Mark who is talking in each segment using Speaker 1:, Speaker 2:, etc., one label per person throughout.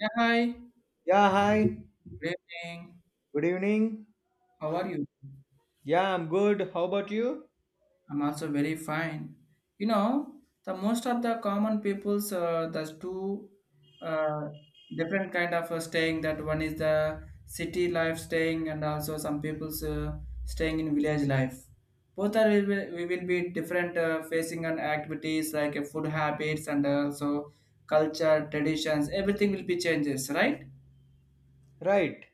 Speaker 1: Yeah, hi.
Speaker 2: Yeah, hi.
Speaker 1: Good evening.
Speaker 2: Good evening.
Speaker 1: How are you?
Speaker 2: Yeah, I'm good. How about you?
Speaker 1: I'm also very fine. The most of the common people's there's two uh, different kind of staying. That one is the city life staying, and also some people's staying in village life. Both are we will be different facing on activities like food habits and also culture traditions. Everything will be changes, right?
Speaker 2: Right.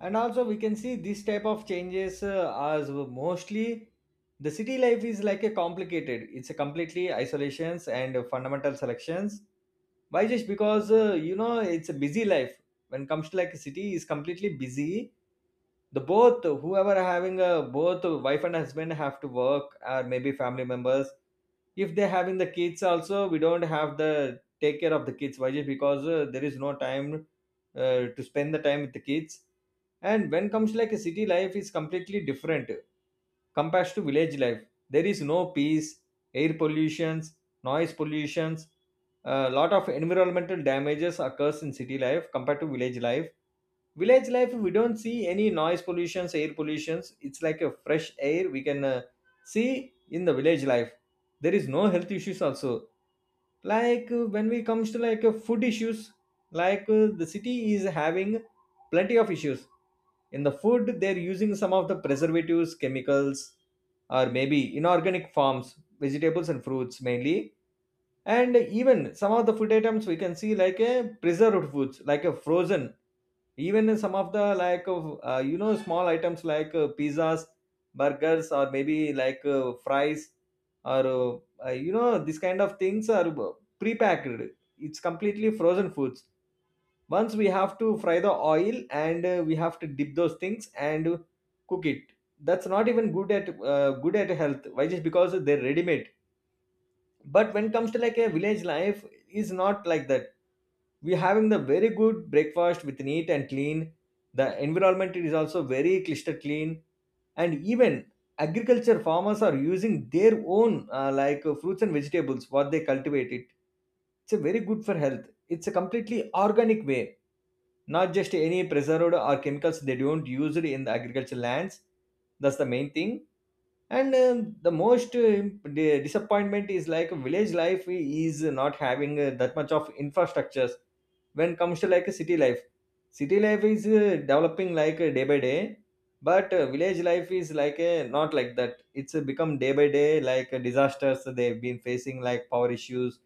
Speaker 2: And also, we can see this type of changes as mostly the city life is like a complicated. It's a completely isolations and fundamental selections. Why? Just because you know it's a busy life. When comes to like a city, is completely busy the both whoever are having a both wife and husband have to work, or maybe family members if they're having the kids also, we don't have the take care of the kids. Why? Just because there is no time to spend the time with the kids. And when comes like a city life is completely different compared to village life. There is no peace, air pollutions, noise pollutions, a lot of environmental damages occurs in city life compared to village life. Village life, we don't see any noise pollutions, air pollutions. It's like a fresh air we can see in the village life. There is no health issues also. Like when we comes to like food issues, like the city is having plenty of issues. In the food, they're using some of the preservatives, chemicals, or maybe inorganic forms vegetables and fruits mainly. And even some of the food items we can see like a preserved foods like a frozen. Even some of the like of you know small items like pizzas, burgers, or maybe like fries, or you know this kind of things are pre-packed. It's completely frozen foods. Once we have to fry the oil and we have to dip those things and cook it. That's not even good at health. Why? Just because they're ready made. But when it comes to like a village life, is not like that. We having the very good breakfast with neat and clean. The environment is also very cluster clean. And even agriculture farmers are using their own fruits and vegetables what they cultivate it. It's a very good for health. It's a completely organic way. Not just any preserved or chemicals, they don't use it in the agriculture lands. That's the main thing. And the most disappointment is like village life is not having that much of infrastructures. When comes to like a city life, city life is developing like day by day. But village life is like a not like that. It's become day by day like disasters. They've been facing like power issues,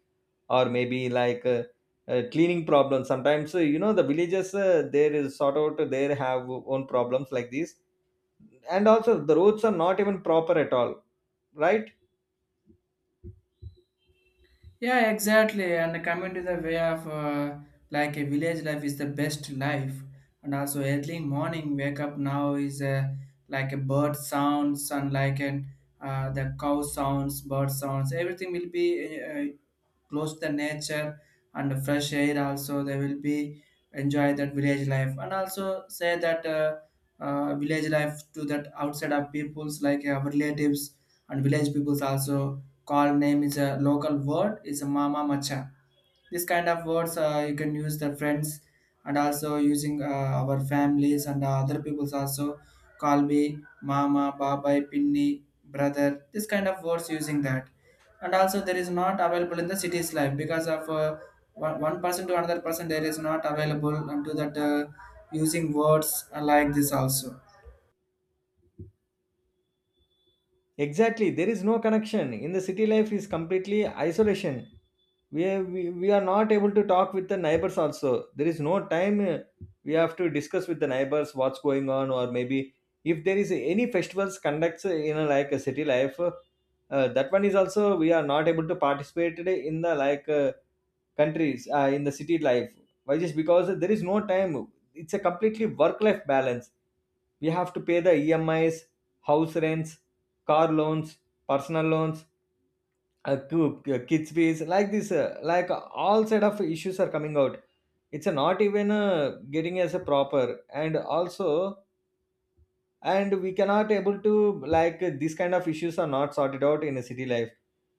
Speaker 2: or maybe like cleaning problems. Sometimes you know the villages, there is sort out, they have own problems like this. And also the roads are not even proper at all, right?
Speaker 1: Yeah, exactly. And coming to the way of like a village life is the best life, and also early morning wake up now is like a bird sounds and like an the cow sounds, bird sounds. Everything will be close the nature and fresh air also they will be enjoy that village life and also say that village life to that outside of peoples like our relatives and village peoples also call name is a local word is a mama macha, this kind of words you can use the friends and also using our families and other people's also call me mama babai pinni brother, this kind of words using that. And also there is not available in the city's life because of uh, one person to another person there is not available and to that using words like this also.
Speaker 2: Exactly. There is no connection in the city life, is completely isolation. We are not able to talk with the neighbors also. There is no time we have to discuss with the neighbors what's going on, or maybe if there is any festivals conducts, you know, like a city life, that one is also we are not able to participate in the like countries, in the city life. Why? Just because there is no time. It's a completely work life balance. We have to pay the emis, house rents, car loans, personal loans, uh, kids fees like this, like all set of issues are coming out. It's not even getting as a proper. And also, and we cannot able to like these kind of issues are not sorted out in a city life.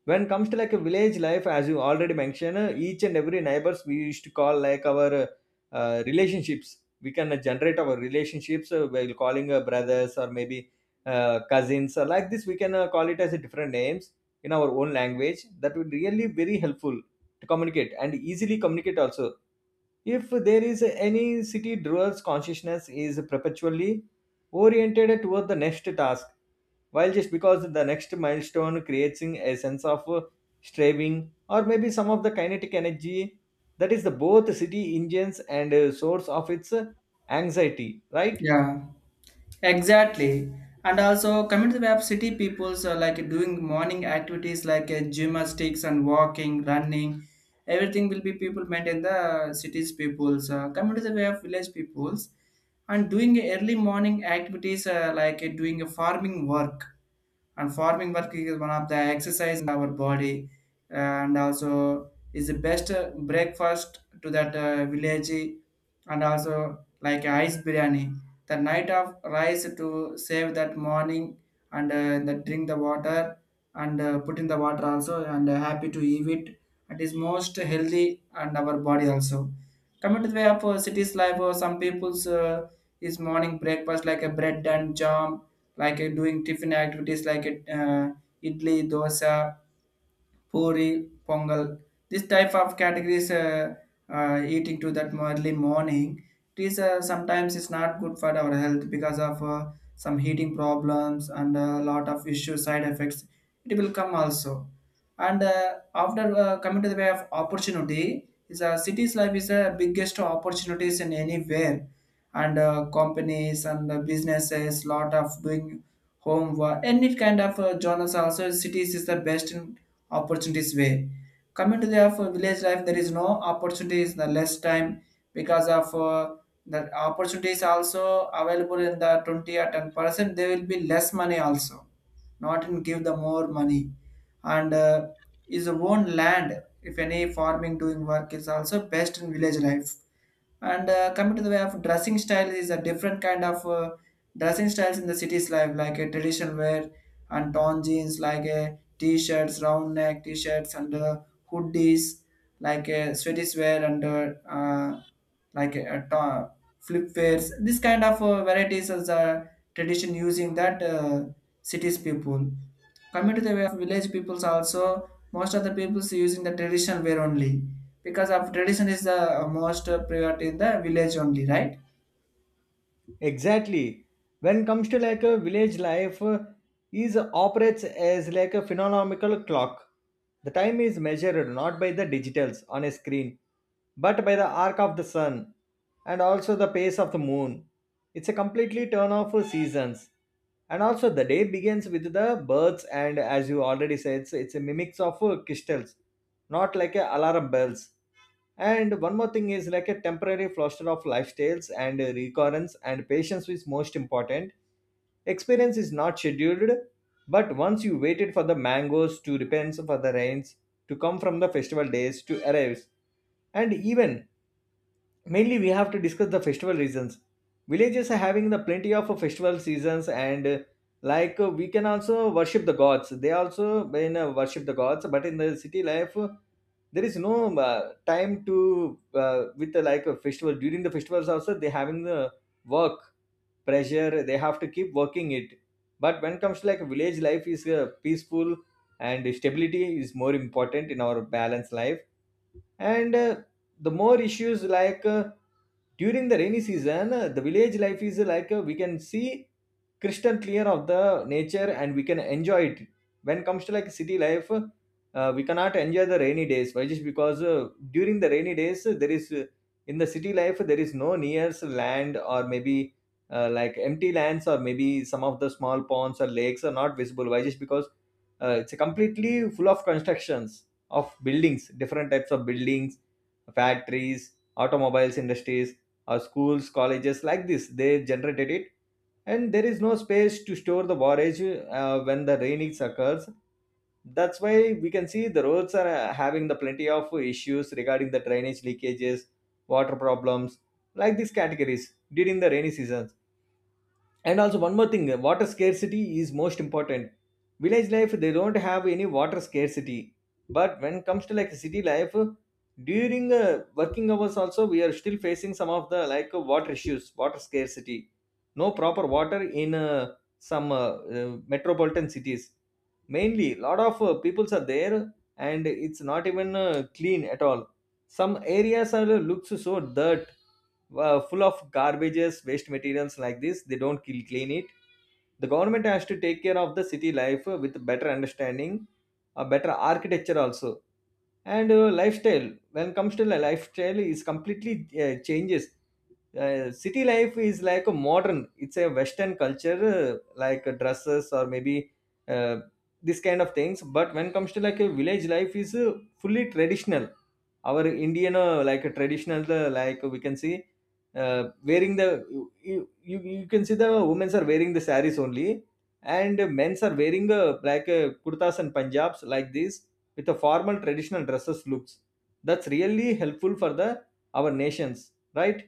Speaker 2: When comes to like a village life, as you already mentioned, each and every neighbors we used to call like our relationships. We can generate our relationships while calling brothers, or maybe cousins, or like this we can call it as a different names in our own language. That would really very helpful to communicate, and easily communicate also. If there is any city dwellers consciousness is perpetually oriented toward the next task, while just because the next milestone creates a sense of striving, or maybe some of the kinetic energy. That is the both city engines and source of its anxiety, right?
Speaker 1: Yeah, exactly. And also coming to the web, city peoples are like doing morning activities like gymnastics and walking, running. Everything will be people maintain the cities peoples. Coming to the way of village peoples and doing early morning activities like doing a farming work. And farming work is one of the exercise in our body and also is the best breakfast to that village, and also like ice biryani, the night of rice to save that morning and the drink the water and put in the water also and happy to eat it. It is most healthy and our body also. Coming to the way of cities life, some people's is morning breakfast like a bread and jam, like doing tiffin activities like uh, idli dosa, puri, pongal. This type of categories eating to that early morning. It is sometimes it's not good for our health because of some heating problems and a lot of issue side effects. It will come also. And after coming to the way of opportunity, is a city's life is the biggest opportunities in anywhere and companies and businesses lot of doing homework, any kind of journals also cities is the best in opportunities way. Coming to the of village life, there is no opportunities, the less time because of the opportunities also available in the 20 or 10%. There will be less money also, not in give the more money. And is own land, if any farming doing work is also best in village life. And coming to the way of dressing style is a different kind of dressing styles in the city's life, like a traditional wear and torn jeans, like a t-shirts, round neck t-shirts, and hoodies, like a sweaties wear and like flip wears. This kind of varieties is a tradition using that city's people. Coming to the way of village peoples also, most of the peoples using the traditional wear only because of tradition is the most priority in the village only, right?
Speaker 2: Exactly. When comes to like a village life, is operates as like a phenomenological clock. The time is measured not by the digitals on a screen, but by the arc of the sun and also the pace of the moon. It's a completely turn off for seasons. And also the day begins with the birds, and as you already said, it's a mimics of crystals, not like a alarm bells. And one more thing is like a temporary fluster of lifestyles and recurrence and patience is most important. Experience is not scheduled, but once you waited for the mangoes to repent for the rains, to come from the festival days to arrive. And even mainly we have to discuss the festival reasons. Villages are having the plenty of festival seasons, and like we can also worship the gods. They also when worship the gods, but in the city life, there is no time to with the like a festival. During the festivals also they having the work pressure, they have to keep working it. But when comes to like village life, is peaceful, and stability is more important in our balanced life. And the more issues like during the rainy season, the village life is like we can see crystal clear of the nature and we can enjoy it. When comes to like city life, we cannot enjoy the rainy days. Why? Just because during the rainy days, there is in the city life there is no nearest land, or maybe like empty lands, or maybe some of the small ponds or lakes are not visible. Why? Just because it's completely full of constructions of buildings, different types of buildings, factories, automobiles, industries, or schools, colleges like this they generated it. And there is no space to store the forage when the rainings occurs. That's why we can see the roads are having the plenty of issues regarding the drainage leakages, water problems, like these categories during the rainy seasons. And also one more thing, water scarcity is most important. Village life, they don't have any water scarcity. But when it comes to like city life, during working hours also we are still facing some of the like water issues, water scarcity, no proper water in some metropolitan cities. Mainly lot of peoples are there and it's not even clean at all. Some areas are looks so dirt, full of garbages, waste materials like this. They don't clean it. The government has to take care of the city life with better understanding, a better architecture also, and lifestyle. When it comes to the lifestyle, is completely changes. City life is like a modern. It's a Western culture, like dresses, or maybe uh, this kind of things. But when it comes to like a village life, is fully traditional. Our indian like traditional, like we can see uh, wearing the you, you you can see the women's are wearing the saris only, and men's are wearing like kurtas and punjabs like this, with a formal traditional dresses looks. That's really helpful for the our nations, right?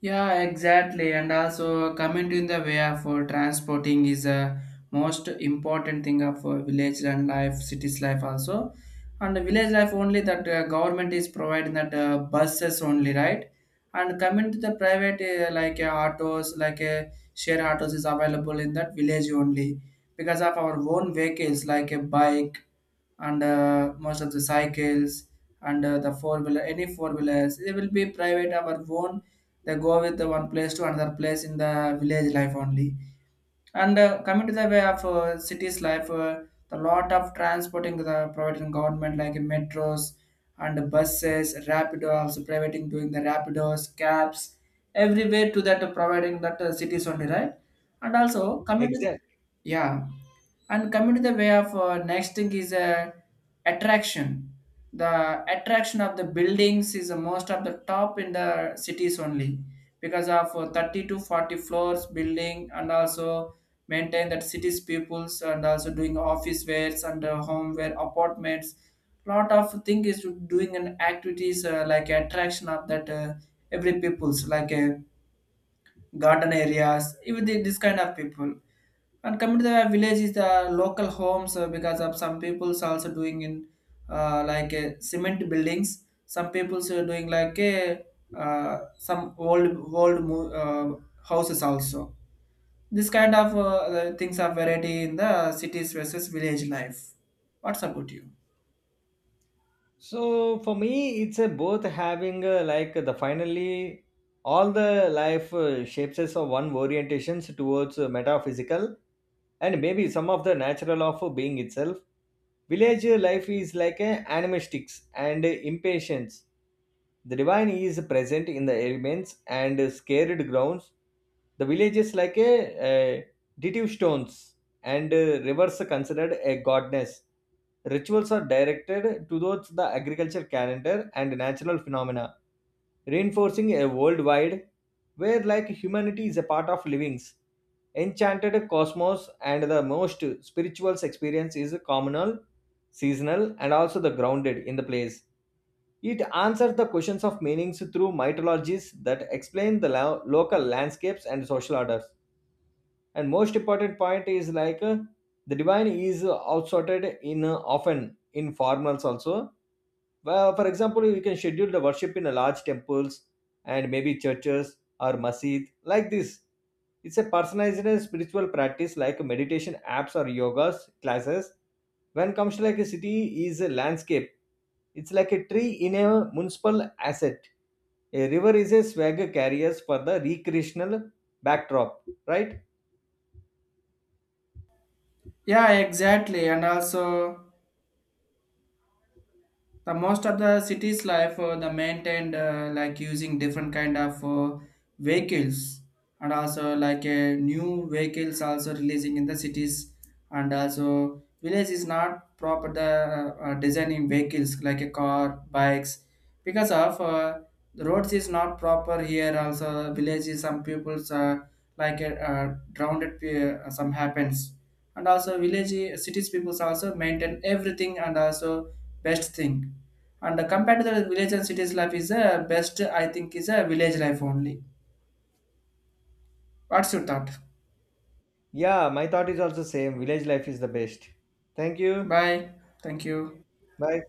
Speaker 1: Yeah, exactly. And also, coming in the way of transporting is a most important thing of village and life, cities life also. And the village life only that government is providing that buses only, right? And coming to the private like autos, like share autos is available in that village only because of our own vehicles like a bike, and most of the cycles, and the four wheeler, any four wheelers, it will be private our own. They go with the one place to another place in the village life only. And coming to the way of cities life, the lot of transporting the providing government like metros and buses, rapido also providing doing the rapidos, cabs, everywhere to that providing that cities only, right. And also coming to,
Speaker 2: Exactly.
Speaker 1: yeah, and coming to the way of next thing is attraction. The attraction of the buildings is most of the top in the cities only because of 30 to 40 floors building, and also maintain that cities peoples and also doing office wares and home wear apartments, lot of thing is doing an activities like attraction of that every peoples like garden areas even this kind of people. And coming to the village is the local homes because of some people's also doing in like cement buildings. Some people's are doing like some old houses also. This kind of things are variety in the cities versus village life. What's about you?
Speaker 2: So for me, it's a both having like the finally all the life shapes us of one orientations towards metaphysical, and maybe some of the natural of being itself. Village life is like a animistics and impatience. The divine is present in the elements and scared grounds. The village is like a deductive stones and rivers considered a godness. Rituals are directed towards the agriculture calendar and natural phenomena, reinforcing a worldwide where like humanity is a part of livings. Enchanted cosmos and the most spiritual experience is communal, seasonal, and also the grounded in the place. It answers the questions of meanings through mythologies that explain the local landscapes and social orders. And most important point is like, the divine is outsorted in often in formals also. Well, for example, you can schedule the worship in a large temples, and maybe churches or masjid like this. It's a personalized spiritual practice like meditation apps or yoga classes. When comes to like a city is a landscape, it's like a tree in a municipal asset. A river is a swagger carriers for the recreational backdrop, right?
Speaker 1: Yeah, exactly. And also, the most of the cities life, the maintained like using different kind of vehicles, and also like a new vehicles also releasing in the cities, and also village is not proper the designing vehicles like a car bikes because of the roads is not proper here also villages some people's like a some happens. And also village cities peoples also maintain everything and also best thing. And compared to the village and cities life is a best, I think, is a village life only. What's your thought?
Speaker 2: Yeah, my thought is also same. Village life is the best. Thank you.
Speaker 1: Bye. Thank you.
Speaker 2: Bye.